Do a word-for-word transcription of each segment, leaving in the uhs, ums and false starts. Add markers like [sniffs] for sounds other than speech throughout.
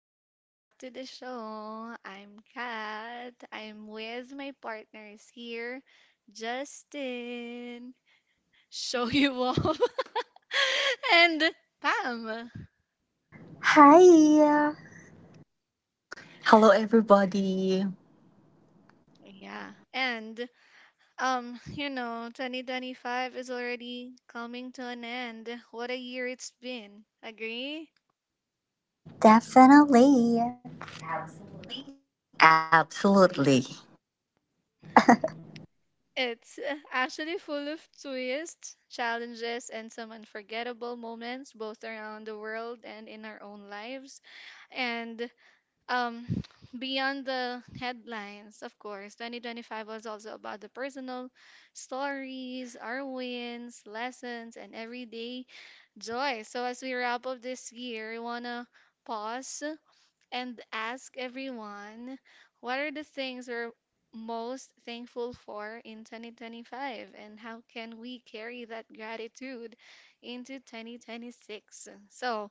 welcome back to the show. I'm Kat. I'm with my partners here, Justin, show you off, [laughs] and Pam. Hi. Hello, everybody. Yeah, and um, you know, twenty twenty-five is already coming to an end. What a year it's been. Agree? Definitely. Absolutely. [laughs] It's uh, actually full of twists, challenges, and some unforgettable moments, both around the world and in our own lives. And um, [sniffs] beyond the headlines, of course, twenty twenty-five was also about the personal stories, our wins, lessons, and everyday joy. So, as we wrap up this year, we want to pause and ask everyone what are the things we're most thankful for in twenty twenty-five and how can we carry that gratitude into twenty twenty-six. So,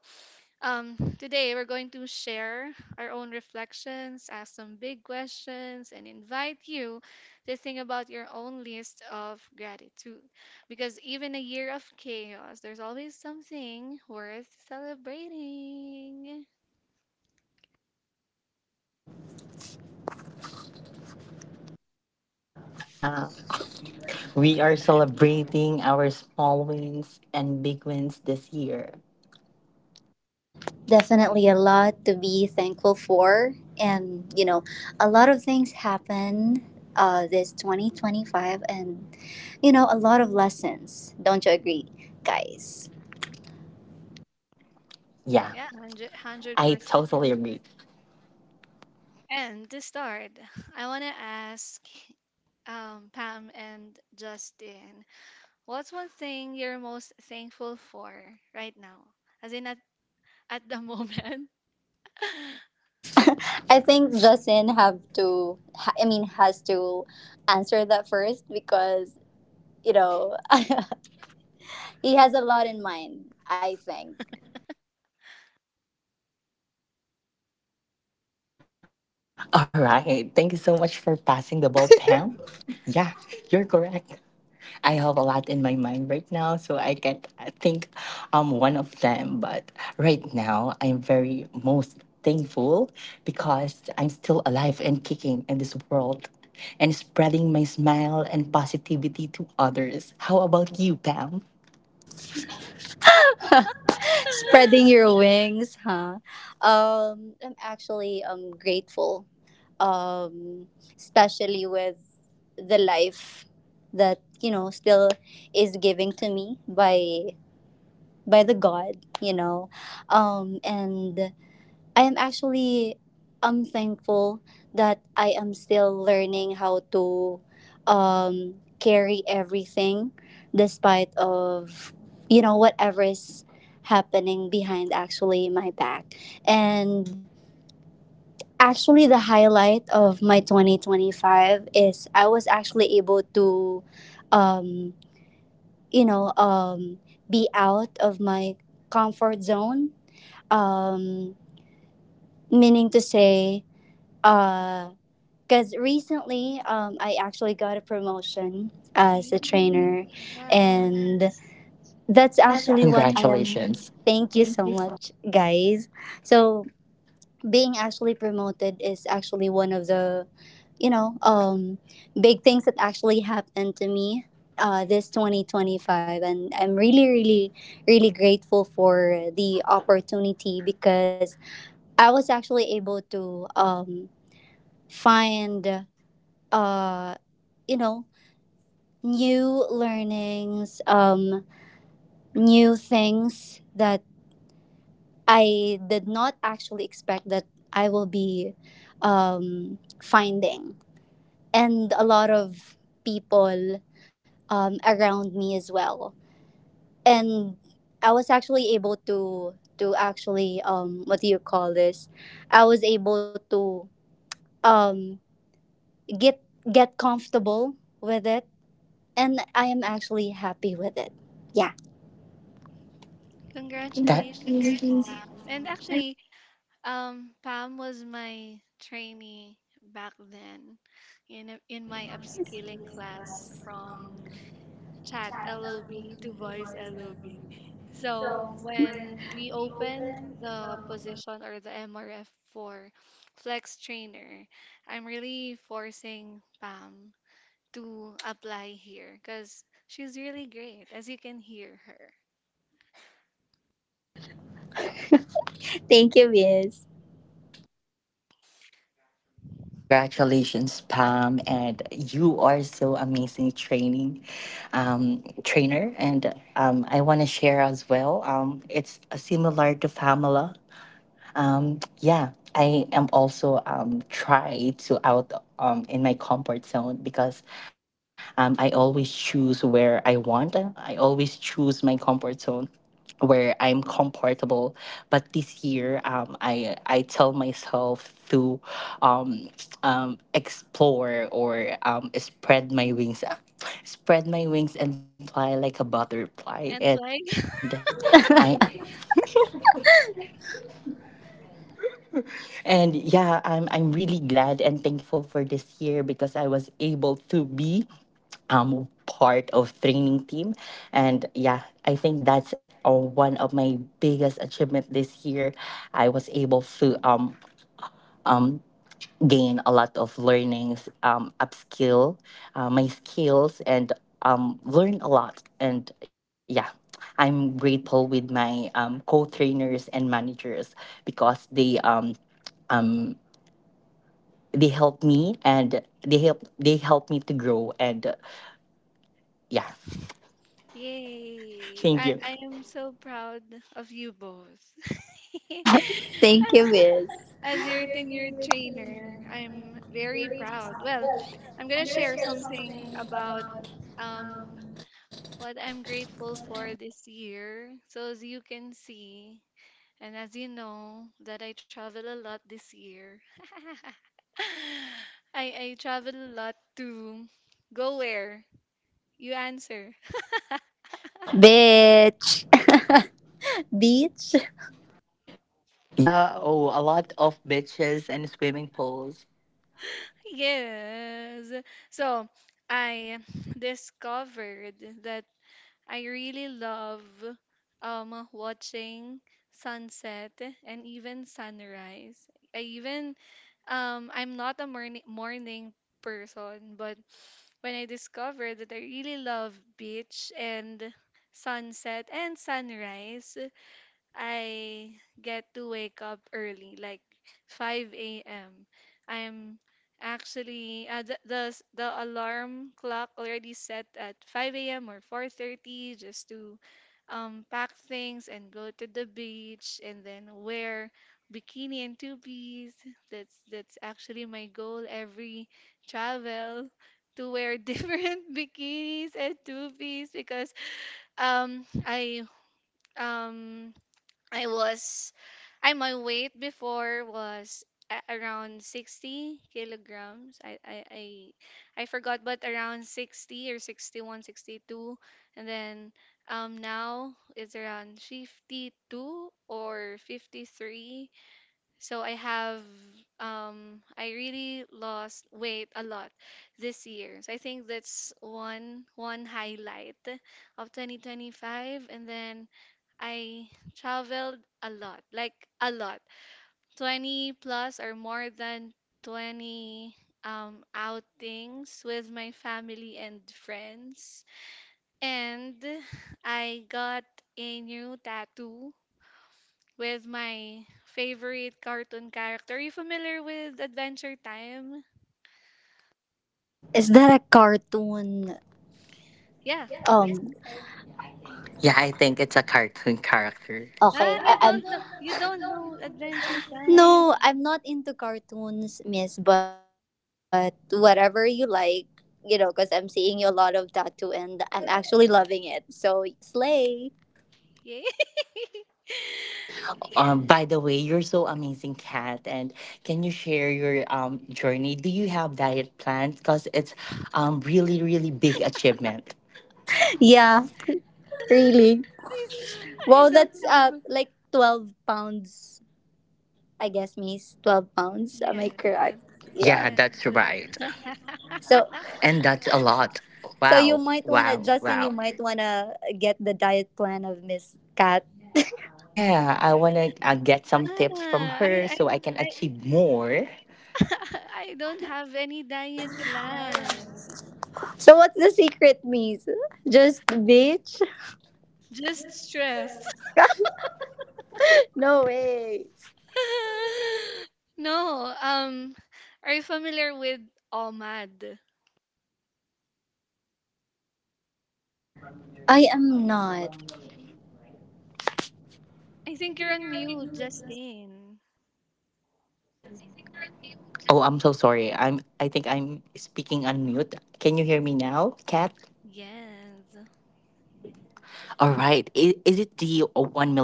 um, today we're going to share our own reflections, ask some big questions, and invite you to think about your own list of gratitude. Because even a year of chaos, there's always something worth celebrating. Yeah. We are celebrating our small wins and big wins this year. Definitely a lot to be thankful for. And, you know, a lot of things happen, uh, this twenty twenty-five, and, you know, a lot of lessons. Don't you agree, guys? Yeah. Yeah, I totally 100 agree. percent. And to start, [laughs] I want to ask um, Pam and Justin, what's one thing you're most thankful for right now? As in at, at the moment. [laughs] I think Justin have to, ha- I mean, has to answer that first, because, you know, [laughs] he has a lot in mind, I think. All right. Thank you so much for passing the ball, Pam. Yeah, you're correct. I have a lot in my mind right now, so I can't think um one of them. But right now, I'm very most thankful because I'm still alive and kicking in this world and spreading my smile and positivity to others. How about you, Pam? Spreading your wings, huh? Um, I'm actually um grateful, um, especially with the life that, you know still is giving to me by by the God, you know, um, and I am actually um thankful that I am still learning how to, um carry everything despite of, you know whatever is happening behind actually my back. And actually, the highlight of my twenty twenty-five is I was actually able to, um you know um be out of my comfort zone, um meaning to say, uh because recently, um, I actually got a promotion as a Yay, trainer, congrats. and that's That's actually- actually what I am. Congratulations. Thank you so much, guys. So, being actually promoted is actually one of the, you know, um, big things that actually happened to me, uh, this twenty twenty-five, and I'm really, really, really grateful for the opportunity, because I was actually able to, um, find, uh you know new learnings, um new things that i did not actually expect that i will be, um finding, and a lot of people, um around me as well. And i was actually able to to actually, um what do you call this, i was able to, um get get comfortable with it, and I am actually happy with it. Yeah. That Congratulations, Pam. And actually, um, Pam was my trainee back then in a- in my upskilling class from chat L O B to voice L O B. So when we open the position or the M R F for flex trainer, I'm really forcing Pam to apply here because she's really great, as you can hear her. Thank you, Miss. So congratulations, Pam, and you are so amazing training um, trainer. And um, I want to share as well. Um, it's uh, similar to Pamela. Um, yeah, I am also um, try to out um, in my comfort zone because um, I always choose where I want. I always choose my comfort zone where I'm comfortable. But this year, um, I I tell myself to um, um, explore or um, spread my wings. [laughs] Spread my wings and fly like a butterfly, And and like, I And yeah, I'm I'm really glad and thankful for this year because I was able to be um part of training team. And yeah, I think that's uh, one of my biggest achievement this year. I was able to um um gain a lot of learnings, um upskill uh, my skills, and um learn a lot. And yeah, I'm grateful with my um co-trainers and managers because they um um, they help and they help they help me to grow. And uh, yeah. [laughs] [laughs] yay! Thank I, you. I am so proud of you both. [laughs] I [laughs] Thank you, Miss. As your tenured trainer. I'm very proud. Well, I'm gonna share something about um what I'm grateful for this year. So as you can see, and as you know, that I travel a lot this year. [laughs] I I travel a lot to go where? You answer. [laughs] Bitch. [laughs] Beach? Yeah, oh, a lot of beaches and swimming pools. Yes. So I discovered that I really love um watching sunset and even sunrise. I even um I'm not a morning morning person, but when I discovered that I really love beach and sunset and sunrise, I get to wake up early, like five a m. I'm actually uh, the, the s- the alarm clock already set at five a m or four thirty just to um pack things and go to the beach and then wear bikini and two piece. That's that's actually my goal every travel to wear [laughs] different bikinis and two piece because um I um I was, I my weight before was a- around sixty kilograms. I, I, I, I forgot, but around sixty or sixty one, sixty two, and then um, now it's around fifty-two or fifty-three. So I have, um, I really lost weight a lot this year. So I think that's one, one highlight of twenty twenty-five. And then I traveled a lot, like a lot. twenty plus or more than twenty um, outings with my family and friends. And I got a new tattoo with my favorite cartoon character. Are you familiar with Adventure Time? Is that a cartoon? Yeah, that's Um, cartoon. Yeah, I think it's a cartoon [laughs] character. okay. Ah, I- you I'm don't know, you [laughs] don't know Adventure Time. no, I'm not into cartoons, Miss, but whatever you like, you know, because I'm seeing you a lot of tattoo and I'm actually loving it. So, slay. Yay. [laughs] Um by the way, you're so amazing, cat, and can you share your um journey? Do you have diet plans? Because it's um really, really big achievement. Yeah, really. I Wow, don't that's, uh, have. like twelve pounds, I guess, Miss. twelve pounds. Am I Yes, uh, correct? Yeah. Yeah, yes. that's right. [laughs] So And that's a lot. so you Wow, might wanna wow, Justin, you wow. might wanna get the diet plan of Miss Kat. Yeah, I want to uh, get some tips from Ah, I, her I, so I can I, achieve more. [laughs] I don't have any diet plan. So what's the secret, Miss? Just beach? [laughs] Just stress. No way. [laughs] No, um, are you familiar with OMAD? Oh, yeah, yeah, yeah. I, I I am am familiar with not. Ahmad. It's one meal a day, right? I think you're on mute, Justin. Oh, I'm so sorry. I'm I think I'm speaking on mute. Can you hear me now, Kat? Yes. All right. Is, is it the uh, one meal a day?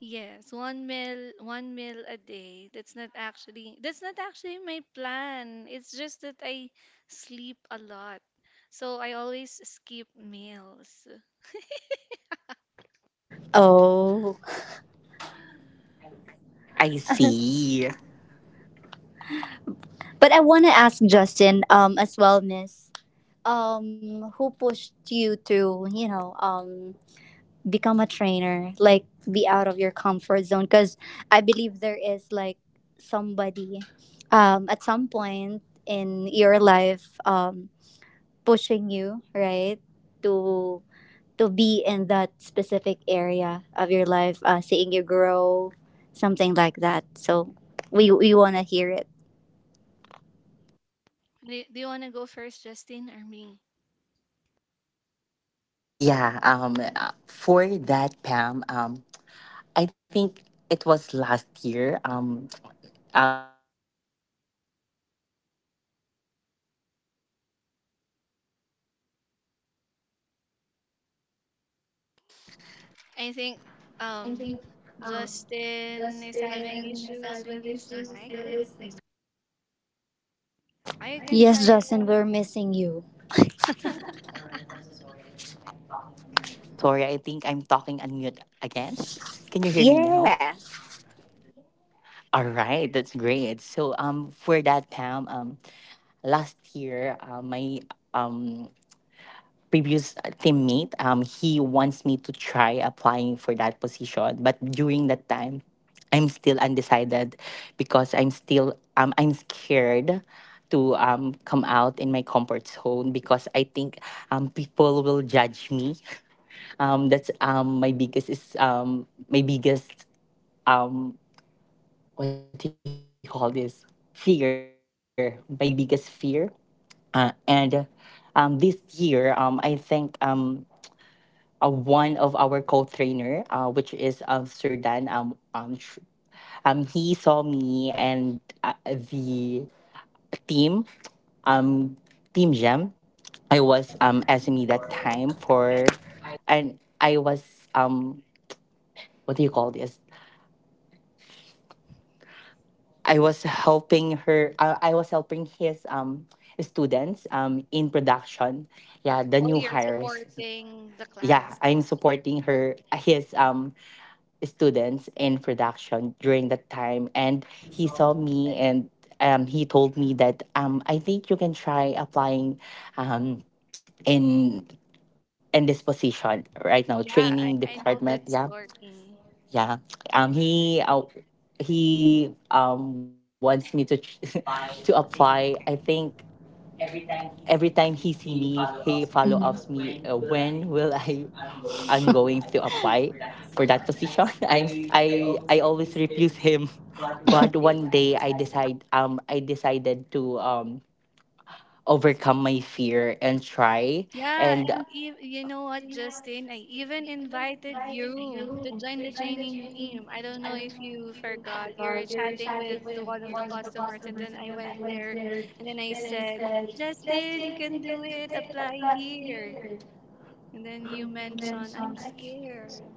Yes, one meal, one meal a day. That's not actually that's not actually my plan. It's just that I sleep a lot. So I always skip meals. Oh. I see. But I wanna ask Justin, um, as well, Miss. Um, who pushed you to, you know, um become a trainer, like, be out of your comfort zone, because I believe there is, like, somebody, um at some point in your life, um pushing you, right, to to be in that specific area of your life, uh seeing you grow, something like that. So we we want to hear it. Do, do you want to go first, Justin, or me? Yeah, um uh, for that, Pam, um I think it was last year. Um um he was my um teammate before, and he uh, wants me to try applying in this position. I think um Justin is having issues with his mic. I can try Yes, it Justin, we're now. missing you. [laughs] Oh, all right. I'm so sorry. I think I'm talking unmute again. [laughs] Can you hear me now? Yeah. All right, that's great. So um, for that, Pam, um, last year, uh, my um previous uh, teammate, um, he wants me to try applying for that position. But during that time, I'm still undecided because I'm still um I'm scared to um come out in my comfort zone because I think um people will judge me. Um that's um my biggest is um my biggest, um what do you call this? Fear. My biggest fear. Uh, and um this year, um I think, um uh, one of our co-trainer, uh, which is um, Sir Dan. Um, um, sh- um, he saw me and uh, the team, um, Team Gem. I was um S M E that time for, and I was um what do you call this? I was helping her. Uh, I was helping his um students um in production. Oh, Yeah, you're hires, supporting the yeah, class. I'm supporting her his um students in production during that time. And he saw me and um, he told me that, um, I think you can try applying um, in in this position right now, Yeah, training I, I know department. that Yeah, story. yeah. um, he uh, he um, wants me to tr- [laughs] to apply. I think every time he see me, he follow ups Mhm. me, uh, when will I... I'm going to [laughs] apply for that position. [laughs] I'm s- I I always refuse him. [laughs] But one day I decide um I decided to um overcome my fear and try. Yeah, And and ev you know what, Justin? I even invited you to join the training team. I don't know if you forgot. You're chatting with one of the customers, and then I went there, and then I said, Justin, you can do it. Apply here. And then you mentioned, I'm scared.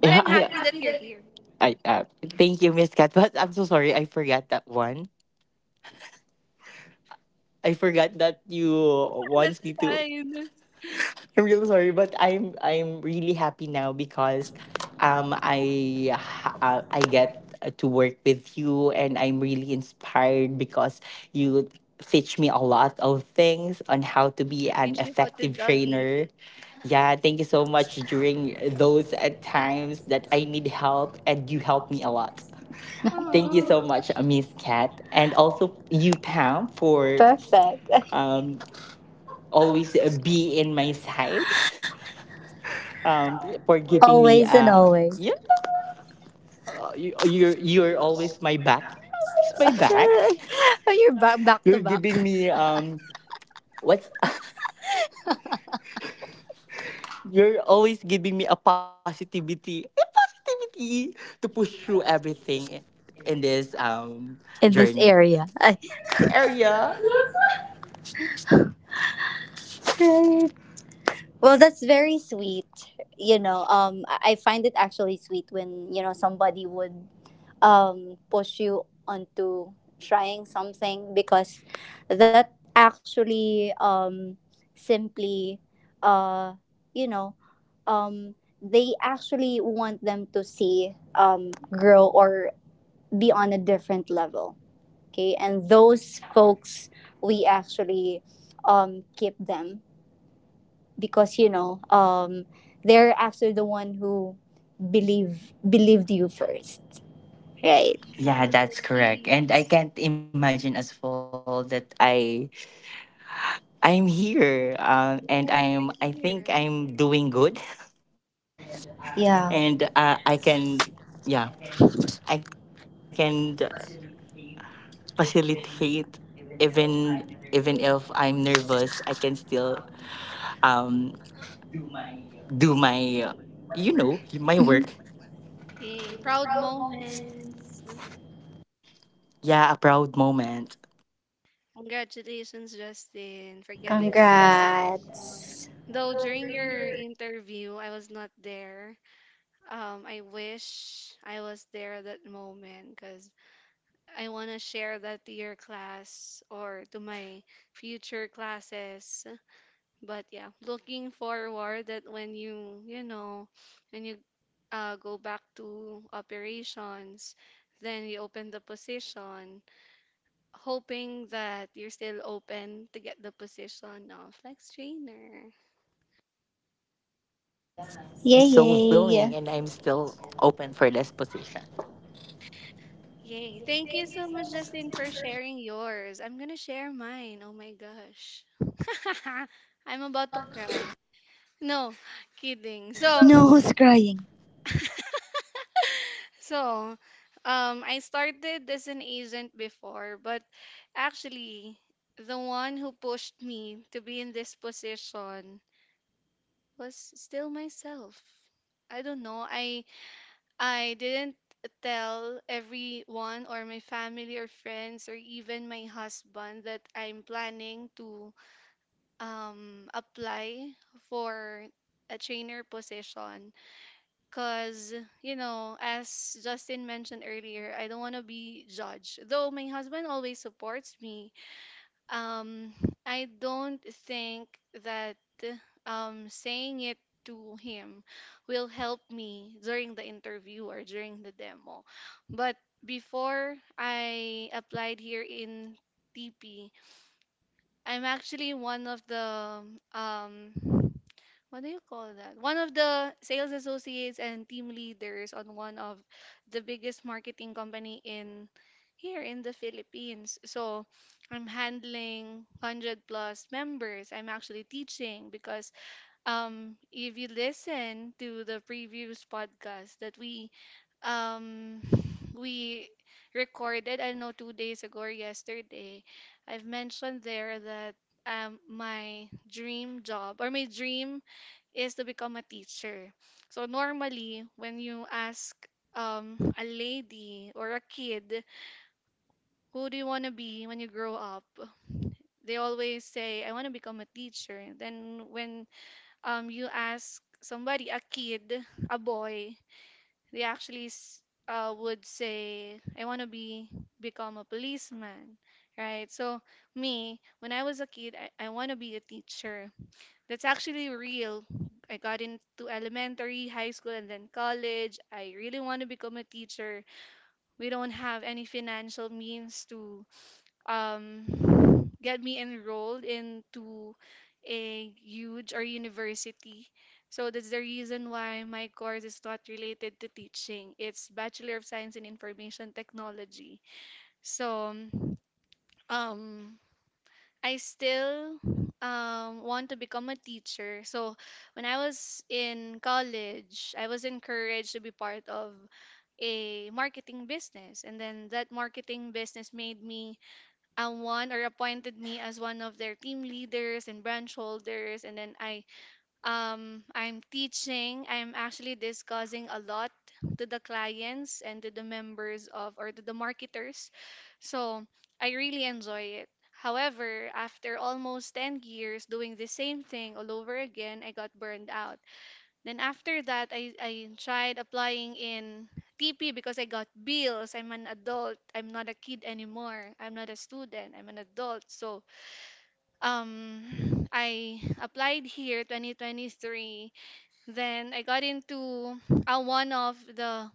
But yeah, I'm I happy that happy you're that you- here. I uh, thank you, Miss Kat, but I'm so sorry I forgot that one. I forgot that you [laughs] That's wants me to. fine. I'm real sorry, but I'm I'm really happy now because um I ha- uh, I get uh, to work with you, and I'm really inspired because you teach me a lot of things on how to be We an teach you how to effective doggy. trainer. Yeah, thank you so much during those uh, times that I need help, and you helped me a lot. Thank you Oh, so much, uh, Miss Kat, and also you, Pam, for Perfect. um, um always uh, be in my side. [laughs] [laughs] um, for giving me and a always. yeah. You, you're you're always my back. You're always my [laughs] back. [laughs] You, back, back to You're giving back me um what's [laughs] you're always giving me a positivity a positivity to push through everything in this um in this journey, area. [laughs] this area. Right. Well, that's very sweet. You know, um, I I find it actually sweet when, you know somebody would, um, push you onto trying something, because that actually, um, simply, uh, you know, um, they actually want them to see, um, grow or be on a different level. Okay, and those folks, we actually, um, keep them, because, you know um they're actually the one who believe believed you first, right? Yeah, yeah, for that's correct. And I keeps. can't imagine as well that I I'm here, um, and I'm I Yes, you're think I'm here. doing good. [laughs] And uh, I Yeah. can yeah I can facilitate. Even even if I'm nervous, I can still um do my you know, my work. Mhm. Hey, proud moments. Yeah, a proud moment. Congratulations, Justin, for getting the Thank you so much, Miss position. Kat Congrats. and Miss Though during Pam. your interview, I was not there. Um, I wish I was there at that moment because I want to share that to your class or to my future classes. But yeah, looking forward that when you, you know, when you uh, go back to operations, then you open the position hoping that you're still open to get the position of flex trainer. Yeah, I'm Yay, still yay! willing and I'm still open for this position. Yay. Thank you so much, Justin, for sharing yours. I'm going to share mine. Oh my gosh. [laughs] I'm about to cry. No, kidding. So, No, who's crying? [laughs] so um, I started as an agent before, but actually, the one who pushed me to be in this position was still myself. I don't know. I I didn't tell everyone or my family or friends or even my husband that I'm planning to um, apply for a trainer position because you know as Justin mentioned earlier, I don't want to be judged, though my husband always supports me. um, I don't think that um, saying it to him will help me during the interview or during the demo. But before I applied here in T P I, I'm actually one of the um, what do you call that? One of the sales associates and team leaders on one of the biggest marketing company in here in the Philippines. So I'm handling one hundred plus members. I'm actually teaching because um, if you listen to the previous podcast that we um, [sighs] we recorded, I don't know, two days ago or yesterday, I've mentioned there that um, my dream job or my dream is to become a teacher. So normally, when you ask um, a lady or a kid, who do you want to be when you grow up? They always say, I want to become a teacher. Then when um, you ask somebody, a kid, a boy, they actually s- uh, would say, I want to be become a policeman. Right? So me, when I was a kid, I, I want to be a teacher. That's actually real. I got into elementary, high school, and then college. I really want to become a teacher. We don't have any financial means to um, get me enrolled into a huge or university. So that's the reason why my course is not related to teaching. It's Bachelor of Science in Information Technology. So um I still um, want to become a teacher. So when I was in college, I was encouraged to be part of a marketing business, and then that marketing business made me um, one or appointed me as one of their team leaders and branch holders, and then I um, I'm teaching. I'm actually discussing a lot to the clients and to the members of or to the marketers. So I really enjoy it. However, after almost ten years doing the same thing all over again, I got burned out. Then after that, I, I tried applying in T P because I got bills. I'm an adult. I'm not a kid anymore. I'm not a student. I'm an adult. So um, I applied here twenty twenty-three, then I got into uh, one of the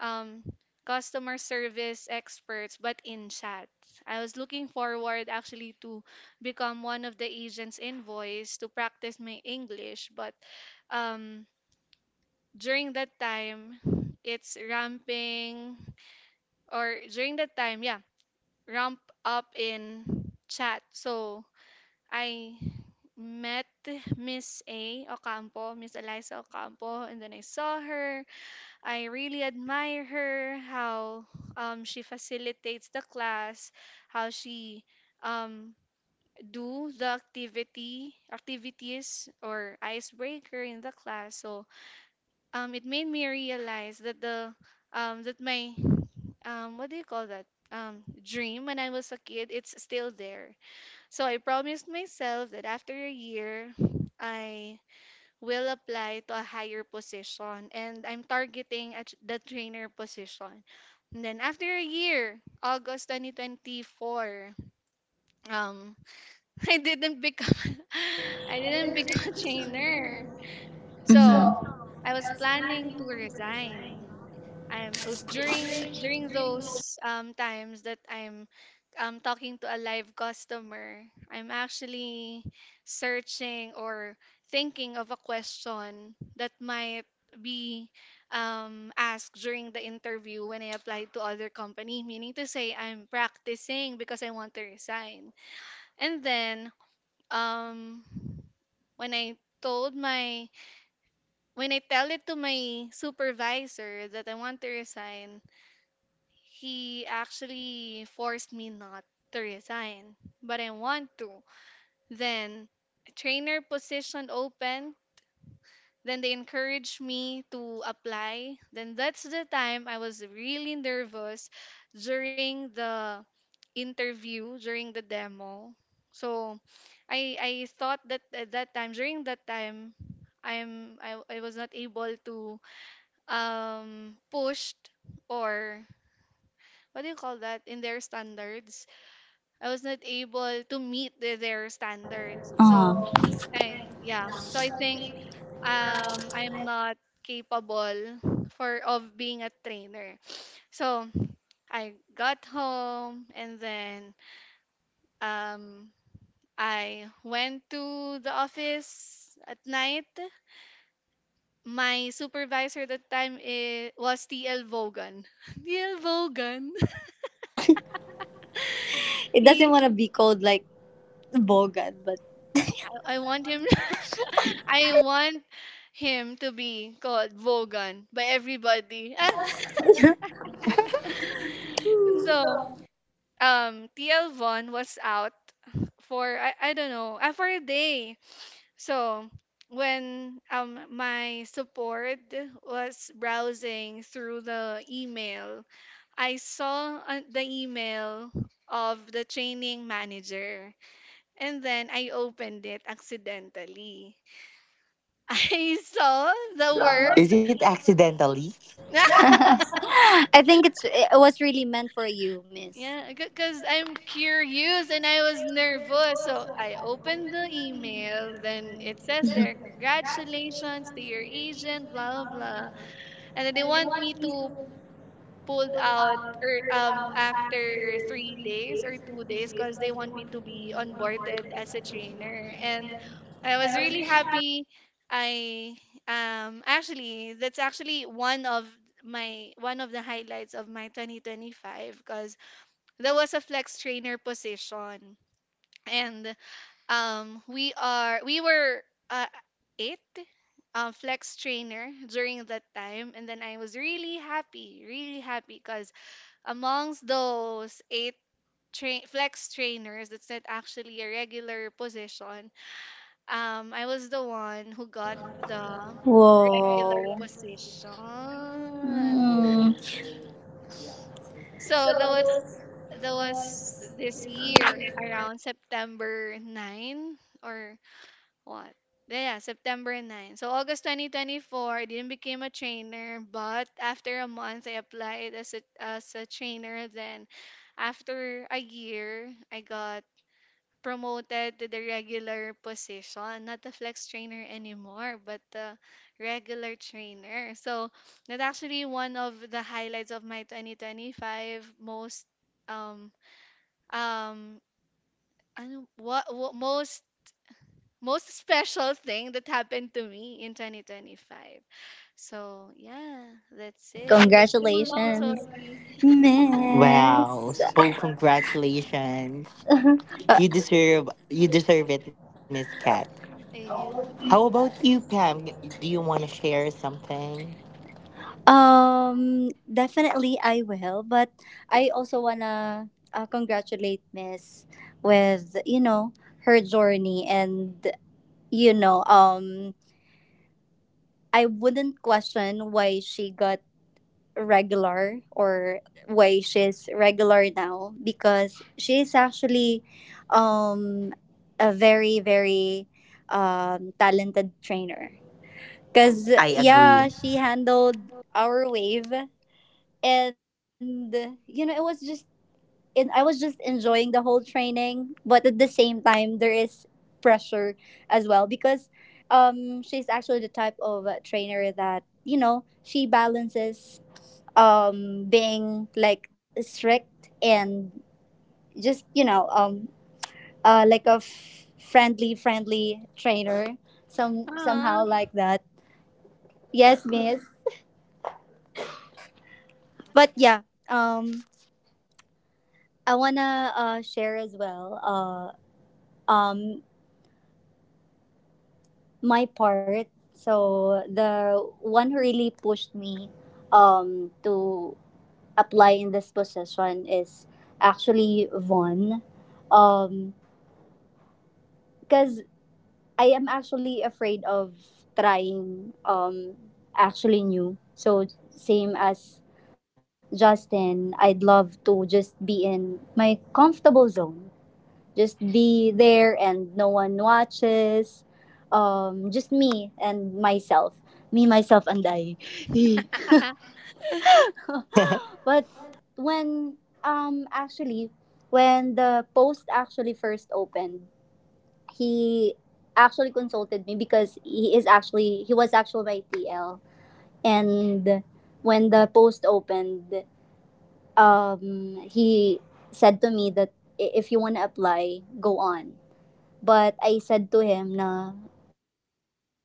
um, customer service experts, but in chat. I was looking forward actually to become one of the agents in voice to practice my English, but um, during that time, it's ramping, or during that time, yeah, ramp up in chat. So I met Miss A Ocampo, Miss Eliza Ocampo, and then I saw her. I really admire her, how um, she facilitates the class, how she um, do the activity, activities or icebreaker in the class. So um, it made me realize that the um, that my um, what do you call that? Um, dream when I was a kid, it's still there. So I promised myself that after a year, I will apply to a higher position and I'm targeting at the trainer position. And then after a year, August twenty twenty-four, um, [laughs] I didn't become [laughs] I didn't become a trainer. Mhm. So I was planning to resign. I'm uh, during during those um times that I'm um talking to a live customer, I'm actually searching or thinking of a question that might be um asked during the interview when I applied to other company, meaning to say I'm practicing because I want to resign. And then um when I told my when I tell it to my supervisor that I want to resign, he actually forced me not to resign, but I want to. Then a trainer position open, then they encouraged me to apply. Then that's the time I was really nervous during the interview, during the demo. So I I thought that at that time, during that time, I'm I, I was not able to um pushed or what do you call that in their standards. I was not able to meet the- their standards. So, Aw. I, yeah. So I think um I'm not capable for of being a trainer. So I got home, and then um I went to the office at night. My supervisor at that time I was T L Vogan. [laughs] T L Vogan. [laughs] It doesn't He want to be called like Bogan, but I, I want him [laughs] I want him to be called Vogan by everybody. Ah. [laughs] [laughs] So, um, T L Von was out for I, I don't know, uh, for a day. So, when um my support was browsing through the email, I saw uh, the email of the training manager, and then I opened it accidentally. [laughs] I saw [laughs] the Is it word accidentally? [laughs] i think it's it was really meant for you, Miss. yeah, because I'm curious and I was nervous. So I opened the email, then it says there, congratulations to your agent, blah, blah. And then they want me to pull out or um after three days or two days because they want me to be onboarded as a trainer. And I was really happy. I um actually, that's actually one of my one of the highlights of my twenty twenty-five because that was a flex trainer position. And um, we are we were uh, eight um, flex trainer during that time, and then I was really happy, really happy, because amongst those eight tra- flex trainers, that's not actually a regular position. Um, I was the one who got the regular Whoa. position. Mm. Oh, so yeah, so So there was congratulations, Miss there Kat. was this year around September ninth or what? Yeah, yeah, September ninth. So August twenty twenty-four, I didn't become a trainer, but after a month, I applied as a, as a trainer. Then after a year, I got promoted to the regular position, not a flex trainer anymore, but the regular trainer. So that's actually one of the highlights of my twenty twenty-five, most um um ano, what, what most most special thing that happened to me in twenty twenty-five. So yeah, that's it. It's too long, Congratulations, sorry. Miss. Uh, Wow, so congratulations. Ayan. You deserve you deserve it, Miss Kat. How about you, Pam? um, Do you want to definitely share I will, but something? I also wanna, uh, congratulate Miss with, you know her journey, and you know um I wouldn't question why she got regular, or why she's regular now, because she's actually, um a very, very, um talented trainer. Cause yeah, she handled our wave, and, I you know agree. it was just, and I was just enjoying the whole training, but at the same time there is pressure as well, because, um she's actually the type of, uh, trainer that, you know she balances, um being like strict and just, you know um uh like a f- friendly friendly trainer, some somehow Ah, like that. Yes, Miss. But yeah, um I wanna, uh, share as well, uh um my part. So the one who really pushed me, um to apply in this position is actually Vaughn, um because I am actually afraid of trying, um actually new. So same as Justin, I'd love to just be in my comfortable zone, just be there and no one watches, um just me and myself, me, myself, and i. [laughs] [laughs] But when, um actually when the post actually first opened, he actually consulted me, because he is actually he was actually my TL. And when the post opened, um he said to me that, i- if you want to apply, go on. But I said to him, na, um,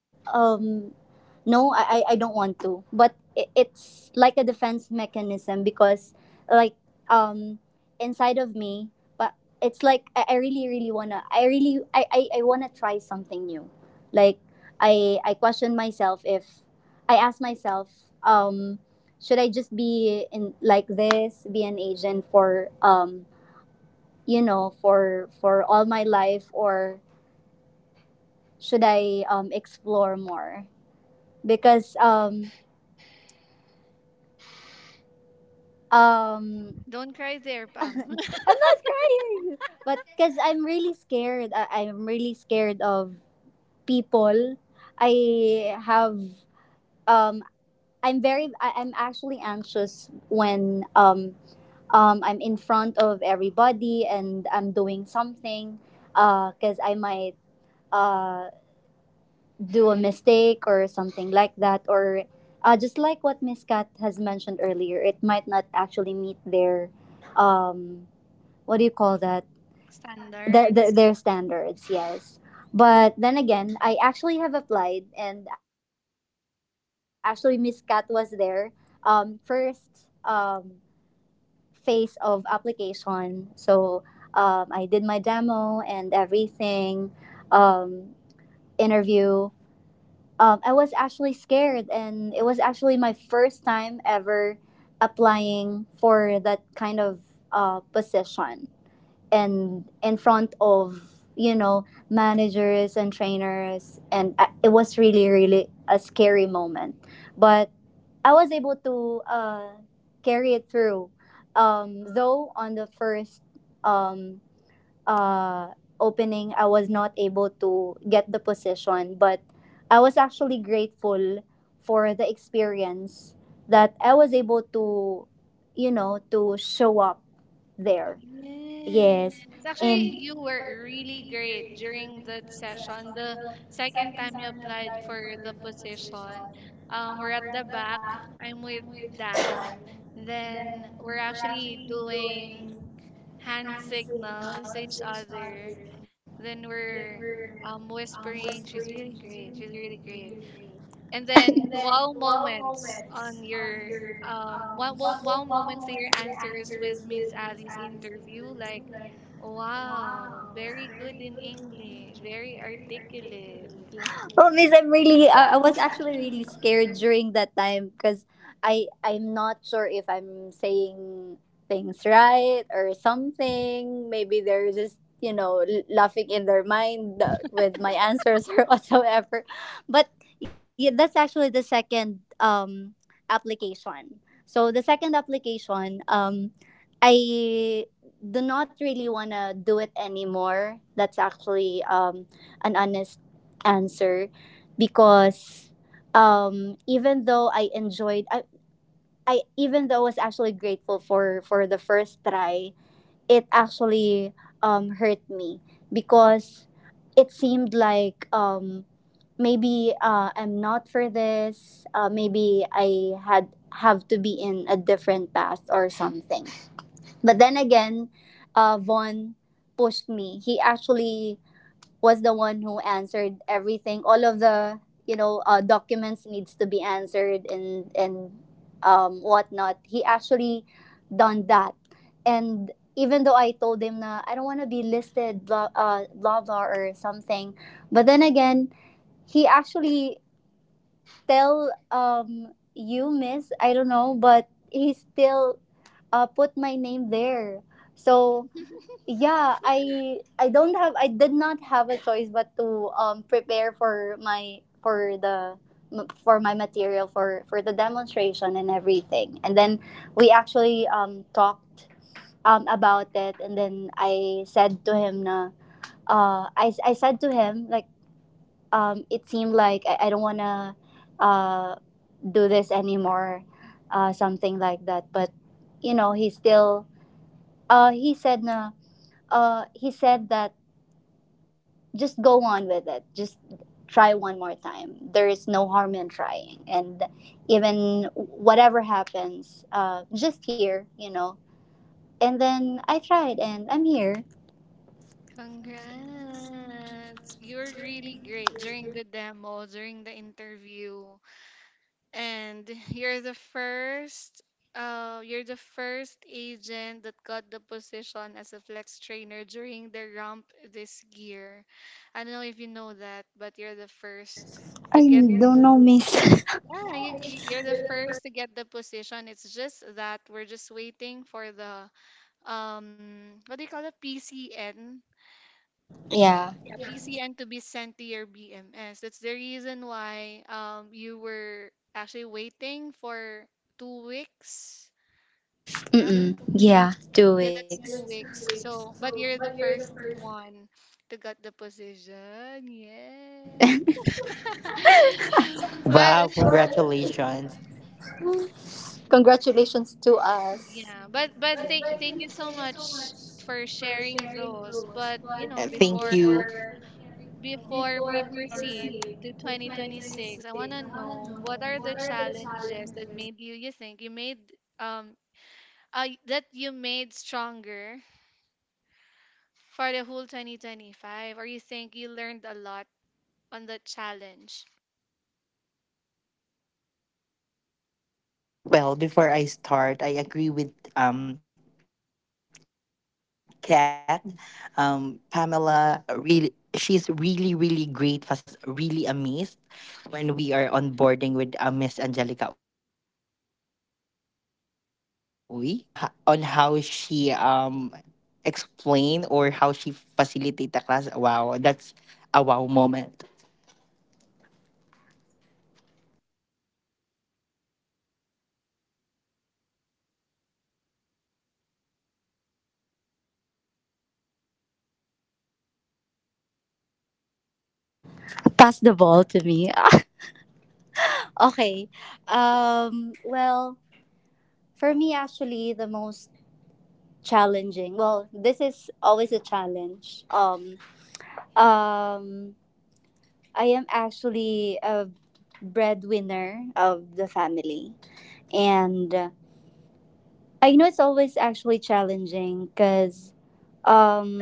no, I, I I don't want to. But it, it's like a defense mechanism, because, like, um inside of me, but it's like I, I really really wanna I really I, I, I wanna try something new. Like, I I question myself if I ask myself, um, should I just be in like this, be an agent for, um you know for for all my life, or should I, um explore more? Because, um um don't cry there, [laughs] Pam. [laughs] I'm not crying, but because I'm really scared. I, I'm really scared of people. I have um I'm very I, I'm actually anxious when, um um I'm in front of everybody and I'm doing something, uh because I might, uh, do a mistake or something like that, or, uh, just like what Miss Kat has mentioned earlier, it might not actually meet their, um, what do you call that, the, the, Standards. their standards. Yes. But then again, I actually have applied, and actually Miss Kat was there, um, first, um, phase of application. So, um, I did my demo and everything, um, interview, um, I was actually scared, and it was actually my first time ever applying for that kind of, uh, position, and in front of, you know managers and trainers, and I, it was really really a scary moment, but I was able to, uh, carry it through. Um, though on the first, um, uh, opening, I was not able to get the position, but I was actually grateful for the experience that I was able to, you know, to show up there. Yes. Yes, Actually, and you were really great during that session. The second time you applied for the position, um, we're at the back. I'm with Dan. Then we're actually doing hand signals to each other. Then we're um, whispering, she's really great. She's really great. And then [laughs] wow moments on your um wow wow wow moments to your answers with Miss Ali's interview, like wow, very good in English, very articulate. oh, Miss, I'm really. Uh, I was actually really scared during that time, because I I'm not sure if I'm saying things right or something. Maybe they're just, you know l- laughing in their mind, uh, with my answers or [laughs] whatsoever. But yeah, that's actually the second, um application. So the second application, um I do not really wanna do it anymore. That's actually, um an honest answer, because, um even though I enjoyed I, I even though I was actually grateful for for the first try, it actually, um hurt me, because it seemed like, um maybe, uh, I'm not for this. Uh, maybe I had have to be in a different path or something. But then again, uh, Vaughn pushed me. He actually was the one who answered everything. All of the, you know uh, documents needs to be answered, and and, um, whatnot. He actually done that, and even though I told him, na I don't want to be listed, blah, uh, blah blah or something, but then again he actually tell, um you, Miss, I don't know, but he still, uh, put my name there. So yeah, i i don't have i did not have a choice but to, um prepare, for my for the for my material, for for the demonstration and everything. And then we actually, um talked, um about it. And then I said to him, na uh i, I said to him, like, um it seemed like, i, I don't want to, uh do this anymore, uh something like that. But you know he still uh he said na uh he said that, just go on with it. Just try one more time. There is no harm in trying. And even whatever happens, uh, just here, you know. And then I tried, and I'm here. Congrats, you're really great during the demo, during the interview. And you're the first, uh, you're the first agent that got the position as a flex trainer during the ramp this year. I don't know if you know that, but you're the first I to get the don't po- know, Miss. yeah, you, you- you're the first to get the position. It's just that we're just waiting for the um, what do you call it, P C N, [laughs] Yeah. yeah, P C N to be sent to your B M S. That's the reason why um you were actually waiting for two weeks. Yeah, Mm-mm. two weeks. Yeah, two Yeah, that's weeks. two weeks. So, but you're the first one to get the position. Yeah. [laughs] [laughs] Well, Congratulations to Wow, us. yeah, but but congratulations. thank thank you so much for sharing those. But you Uh, know, Thank before you. Before we proceed to twenty twenty-six, I want to know what are the challenges that made you, you think you made, um, uh, that you made stronger for the whole twenty twenty-five? Or you think you learned a lot on that challenge? Well, before I start, I agree with um Kat. Um, Pamela, really she's really, really great facilitator. I was really amazed when we are onboarding with uh, Miss Angelica Uy. Um, um h- on how she um explained or how she facilitate the class. Wow, that's a wow moment. And Pam, um, you can. Uh, I'm passing the poll to you. Pass the ball to me. [laughs] Okay. Um, well, for me, actually, the most challenging, well, this is always a challenge, um um I am actually a breadwinner of the family. And, uh, I know it's always actually challenging, because, um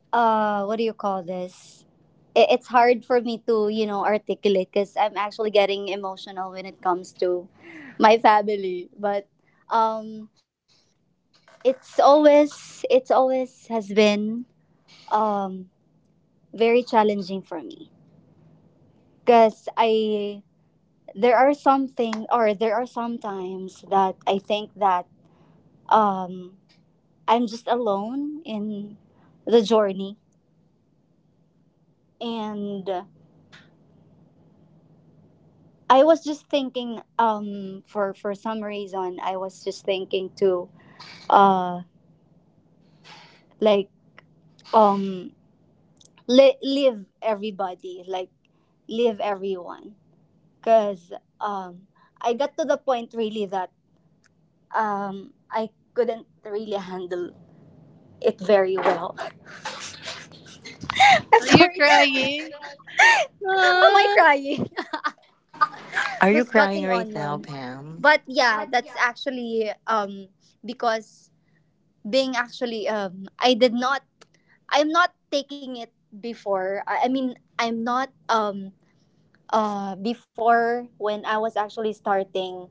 uh what do you call this, it, it's hard for me to, you know articulate, because I'm actually getting emotional when it comes to my family. But, um it's always it's always has been, um very challenging for me, because I there are something, or there are some times that I think that, um I'm just alone in the journey. And I was just thinking, um for for some reason I was just thinking to, uh like, um li- leave everybody, like, leave everyone, because, um I got to the point really that, um, I couldn't really handle it very well. [laughs] I'm Are you sorry. Am crying? I Ah, crying? Are [laughs] you Who's crying cutting right now, onion? Pam? But yeah, that's actually, um because being actually, um I did not I'm not taking it before. I, I mean, I'm not, um uh before when I was actually starting,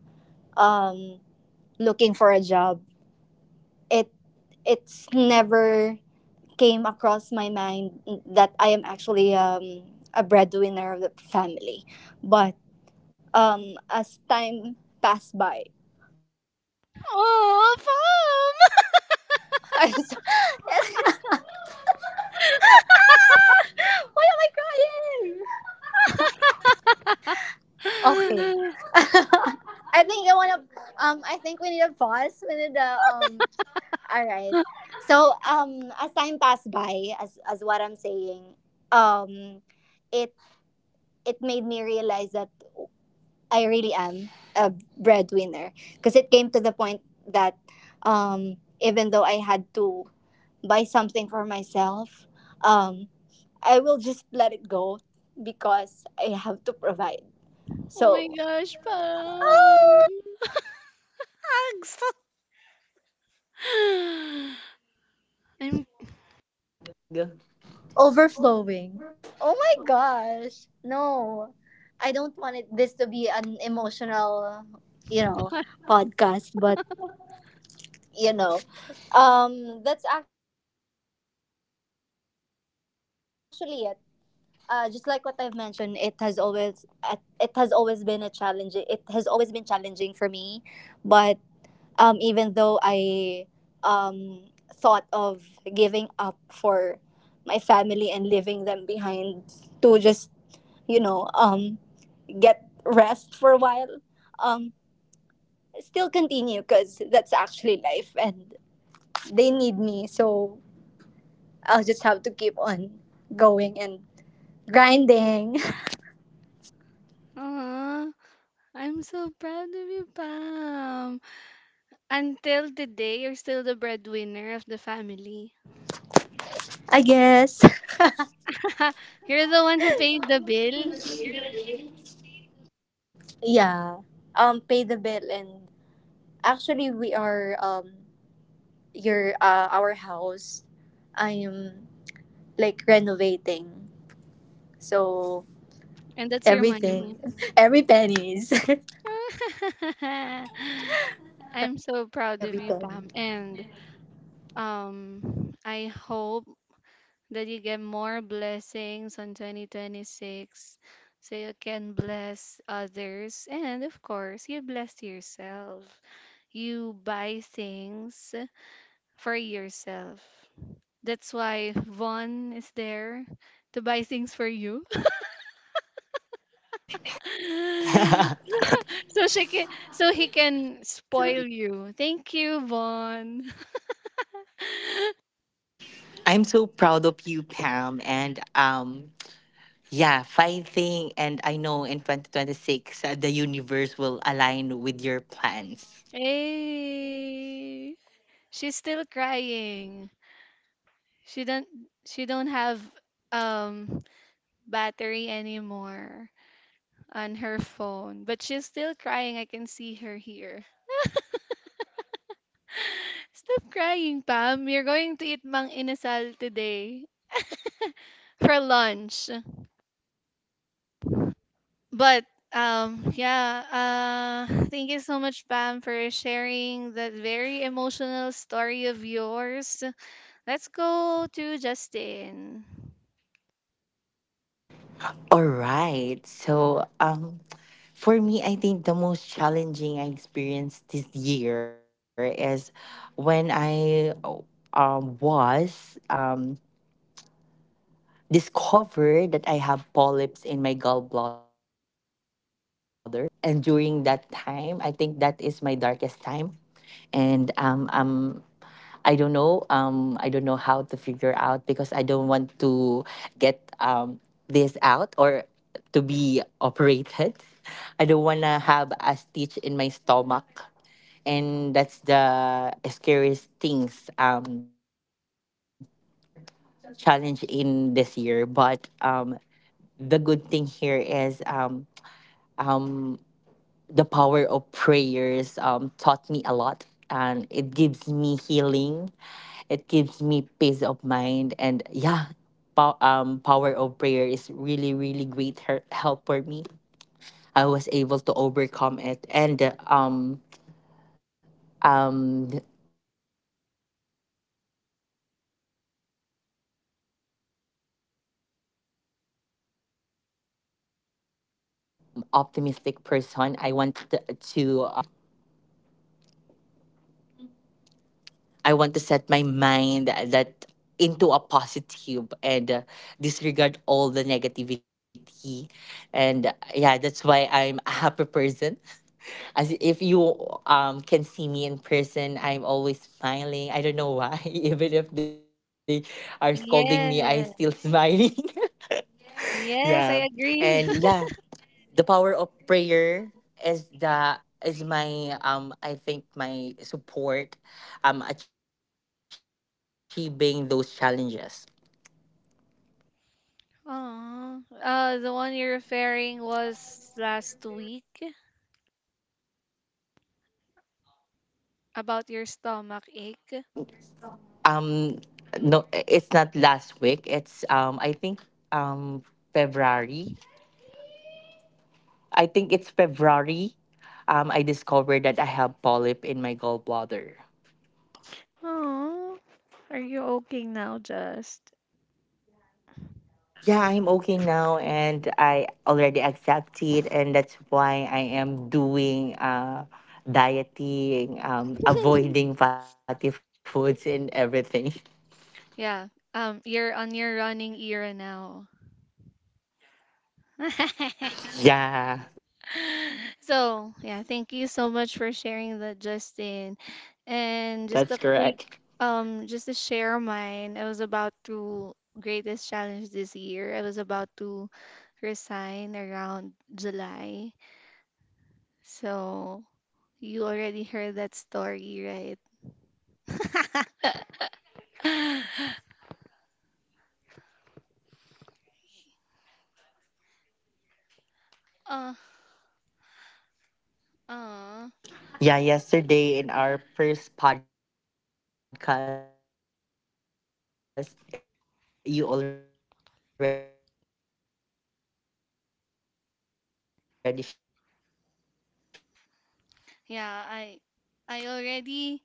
um looking for a job. It it's never came across my mind that I am actually, um, a breadwinner of the family. But, um, as time passed by, [laughs] I'm so- oh, [laughs] why am I Mm. crying? Okay. [laughs] I Pam! think [laughs] I wanna. You can Um, cry I out think we need a loud. pause. We need a um. All right. So, um, as time passed by, as as what I'm saying, um, it it made me realize that I really am a breadwinner, because it came to the point that, um, even though I had to buy something for myself, um, I will just let it go, because I have to provide. Oh my So gosh, Pam! [laughs] Hugs! I'm. Mm, virtual hug. overflowing. Oh my gosh. No. I don't want it, this to be an emotional, you know, podcast, but, you know, um that's actually it. uh, just like what I've mentioned, it has always at- it has always been a challenge. It has always been challenging for me, but, um, even though I, um, thought of giving up for my family and leaving them behind to just, you know um, get rest for a while, um, still continue, because that's actually life and they need me. So I'll just have to keep on going and grinding. Aw. I'm so proud of you, Pam. Until today, you're still the breadwinner of the family. I guess. [laughs] You're the one who paid the bill, [laughs] Yeah. Um pay the bill, and actually we are, um your uh our house, I am like renovating. So and that's your everything, money. [laughs] every pennies. [laughs] I'm so [laughs] proud Every of you, penny. Pam. And um, I hope that you get more blessings on twenty twenty-six so you can bless others. And of course, you bless yourself. You buy things for yourself. That's why Vaughn is there to buy things for you. [laughs] [laughs] So she can, so he can spoil you. Thank you, Vaughn. [laughs] I'm so proud of you, Pam, and um, yeah, fighting, and I know in twenty twenty-six, uh, the universe will align with your plans. Hey, she's still crying. She don't she don't have um battery anymore on her phone, but she's still crying. I can see her here. Stop crying, Pam. You're going to eat Mang Inasal today [laughs] for lunch. But um yeah, uh thank you so much, Pam, for sharing that very emotional story of yours. Let's go to Justin. All right. So, um, for me, I think the most challenging I experienced this year is when I um, was um, discovered that I have polyps in my gallbladder. And during that time, I think that is my darkest time. And um, um, I don't know. Um, I don't know how to figure out because I don't want to get um, out or to be operated. I don't want to have a stitch in my stomach. And that's the scariest things, um, or challenge in this year. But um, the good thing here is um, um, the power of prayers um, taught me a lot, and it gives me healing, it gives me peace of mind, and yeah, pow- um, power of prayer is really, really great her- help for me. I was able to overcome it, and um um and I was able to become um optimistic person. I want to uh, uh, set my mind. I want to set my mind that into a positive, and uh, disregard all the negativity. And uh, yeah, that's why I'm a happy person. As if you um can see me in person, I'm always smiling. I don't know why. [laughs] Even if they are scolding me, I still smiling. Yes. Yes, I [laughs] agree. Yeah. And yeah, the power of prayer is the is my, um I think, my support um achieving those challenges. [laughs] Aw. Uh the one you're referring was last week about your stomach ache. Um no, it's not last week. It's um I think, um February. I think it's February. Um I discovered that I have polyp in my gallbladder. Oh, are you okay now, Just? Yeah, I'm okay now, and I already accept it, and that's why I am doing uh dieting, um avoiding [laughs] fatty foods and everything. [laughs] Yeah, um, you're on your running era now. [laughs] Yeah, So, yeah, thank you so much for sharing that, Justin. And just that's a quick, correct. um, just to share mine, I was about to greatest challenge this year. I was about to resign around July. So, you already heard that story, right? [laughs] Yeah, Uh, yesterday in our first podcast, you already Uh, shared that story, and I'm glad that you're still here and you taught me a lot. yeah, I I already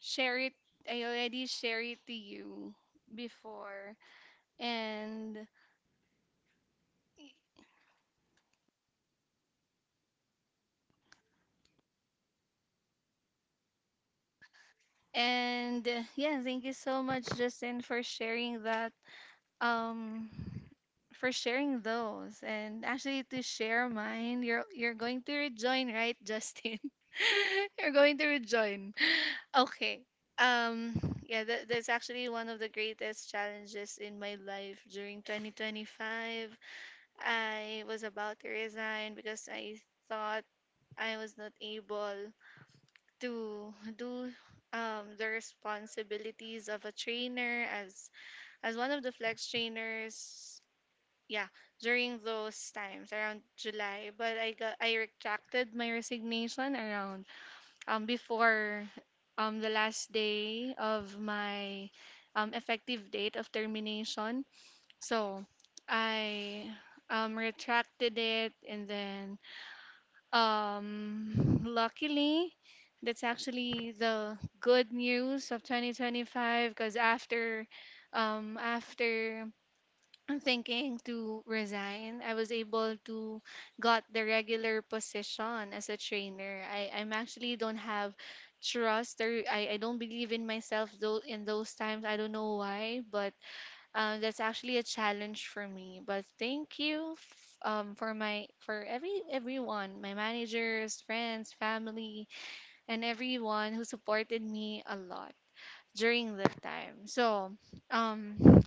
share it I already share it to you before. And and uh, yeah, thank you so much, Justin, for sharing that um for sharing those. And actually, to share mine, you're you're going to rejoin, right, Justin? [laughs] You're going to rejoin. Okay. um yeah, that, that's actually one of the greatest challenges in my life during twenty twenty-five. I was about to resign because I thought I was not able to do um, the responsibilities of a trainer as as one of the flex trainers. Yeah, during those times around July, but I got I retracted my resignation around um before um the last day of my um effective date of termination. So I um, retracted it, and then um, luckily, that's actually the good news of twenty twenty-five, because after um, after thinking to resign, I was able to got the regular position as a trainer. I I'm actually don't have trust, or I, I don't believe in myself though in those times, I don't know why, but um, that's actually a challenge for me, but thank you f- um, for my for every everyone, my managers, friends, family, and everyone who supported me a lot during that time. So, um,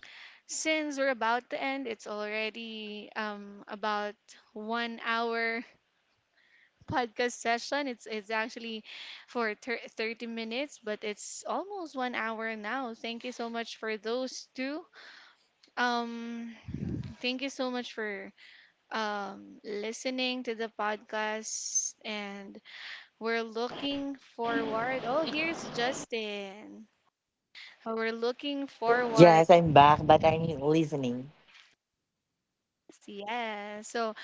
since we're about to end, it's already um, about one hour [laughs] podcast session. It's it's actually for thir thirty minutes, but it's almost one hour now. Thank you so much for those two. Um, Thank you so much for um, listening to the podcast. And we're looking forward. Oh, here's Justin. Uh, We're looking forward. Yes, I'm back, but I'm listening. Yeah. So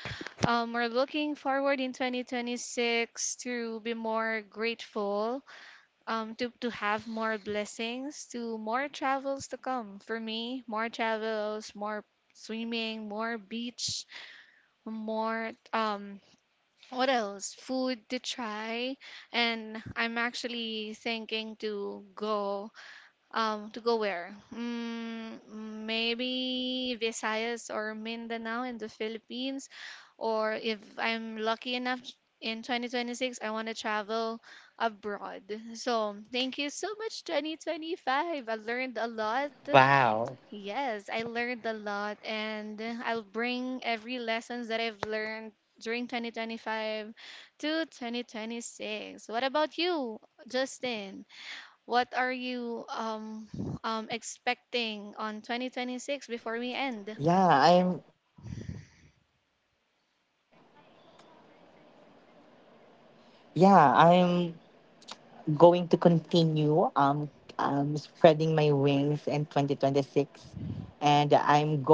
um, we're looking forward in twenty twenty-six to be more grateful, um, to, to have more blessings, to more travels to come. For me, more travels, more swimming, more beach, more um what else? Food to try, and I'm actually thinking to go. Um, to go where? Mm, maybe Visayas or Mindanao in the Philippines, or if I'm lucky enough in twenty twenty-six, I want to travel abroad. So thank you so much, twenty twenty-five. I learned a lot. Wow. Yes, I learned a lot, and I'll bring every lessons that I've learned during twenty twenty-five to twenty twenty-six. What about you, Justin? What are you um, um, expecting on twenty twenty-six before we end? Yeah, I'm yeah, I'm going to continue um um spreading my wings in twenty twenty-six, and I'm going to um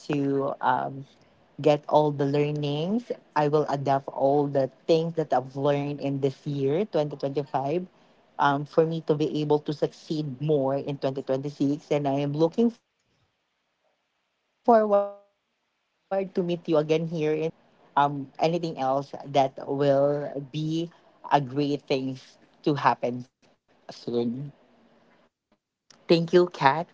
get all the learnings. I will adapt all the things that I've learned in this year, twenty twenty-five, um, for me to able to succeed more in twenty twenty-six. And I am looking forward to meet you again here in training department or training team or um, anything else that will be a great things to happen soon. Thank you, Kat.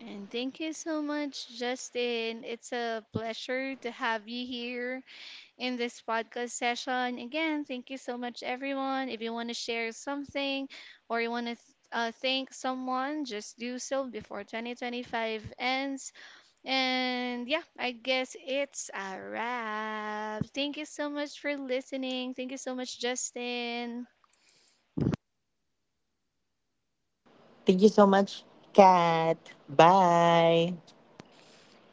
And thank you so much, Justin. It's a pleasure to have you here in this podcast session. Again, thank you so much, everyone. If you want to share something, or you want to uh, thank someone, just do so before twenty twenty-five ends. And yeah, I guess it's a wrap. Thank you so much for listening. Thank you so much, Justin. Thank you so much, Kat. Bye.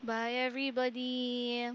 Bye, everybody.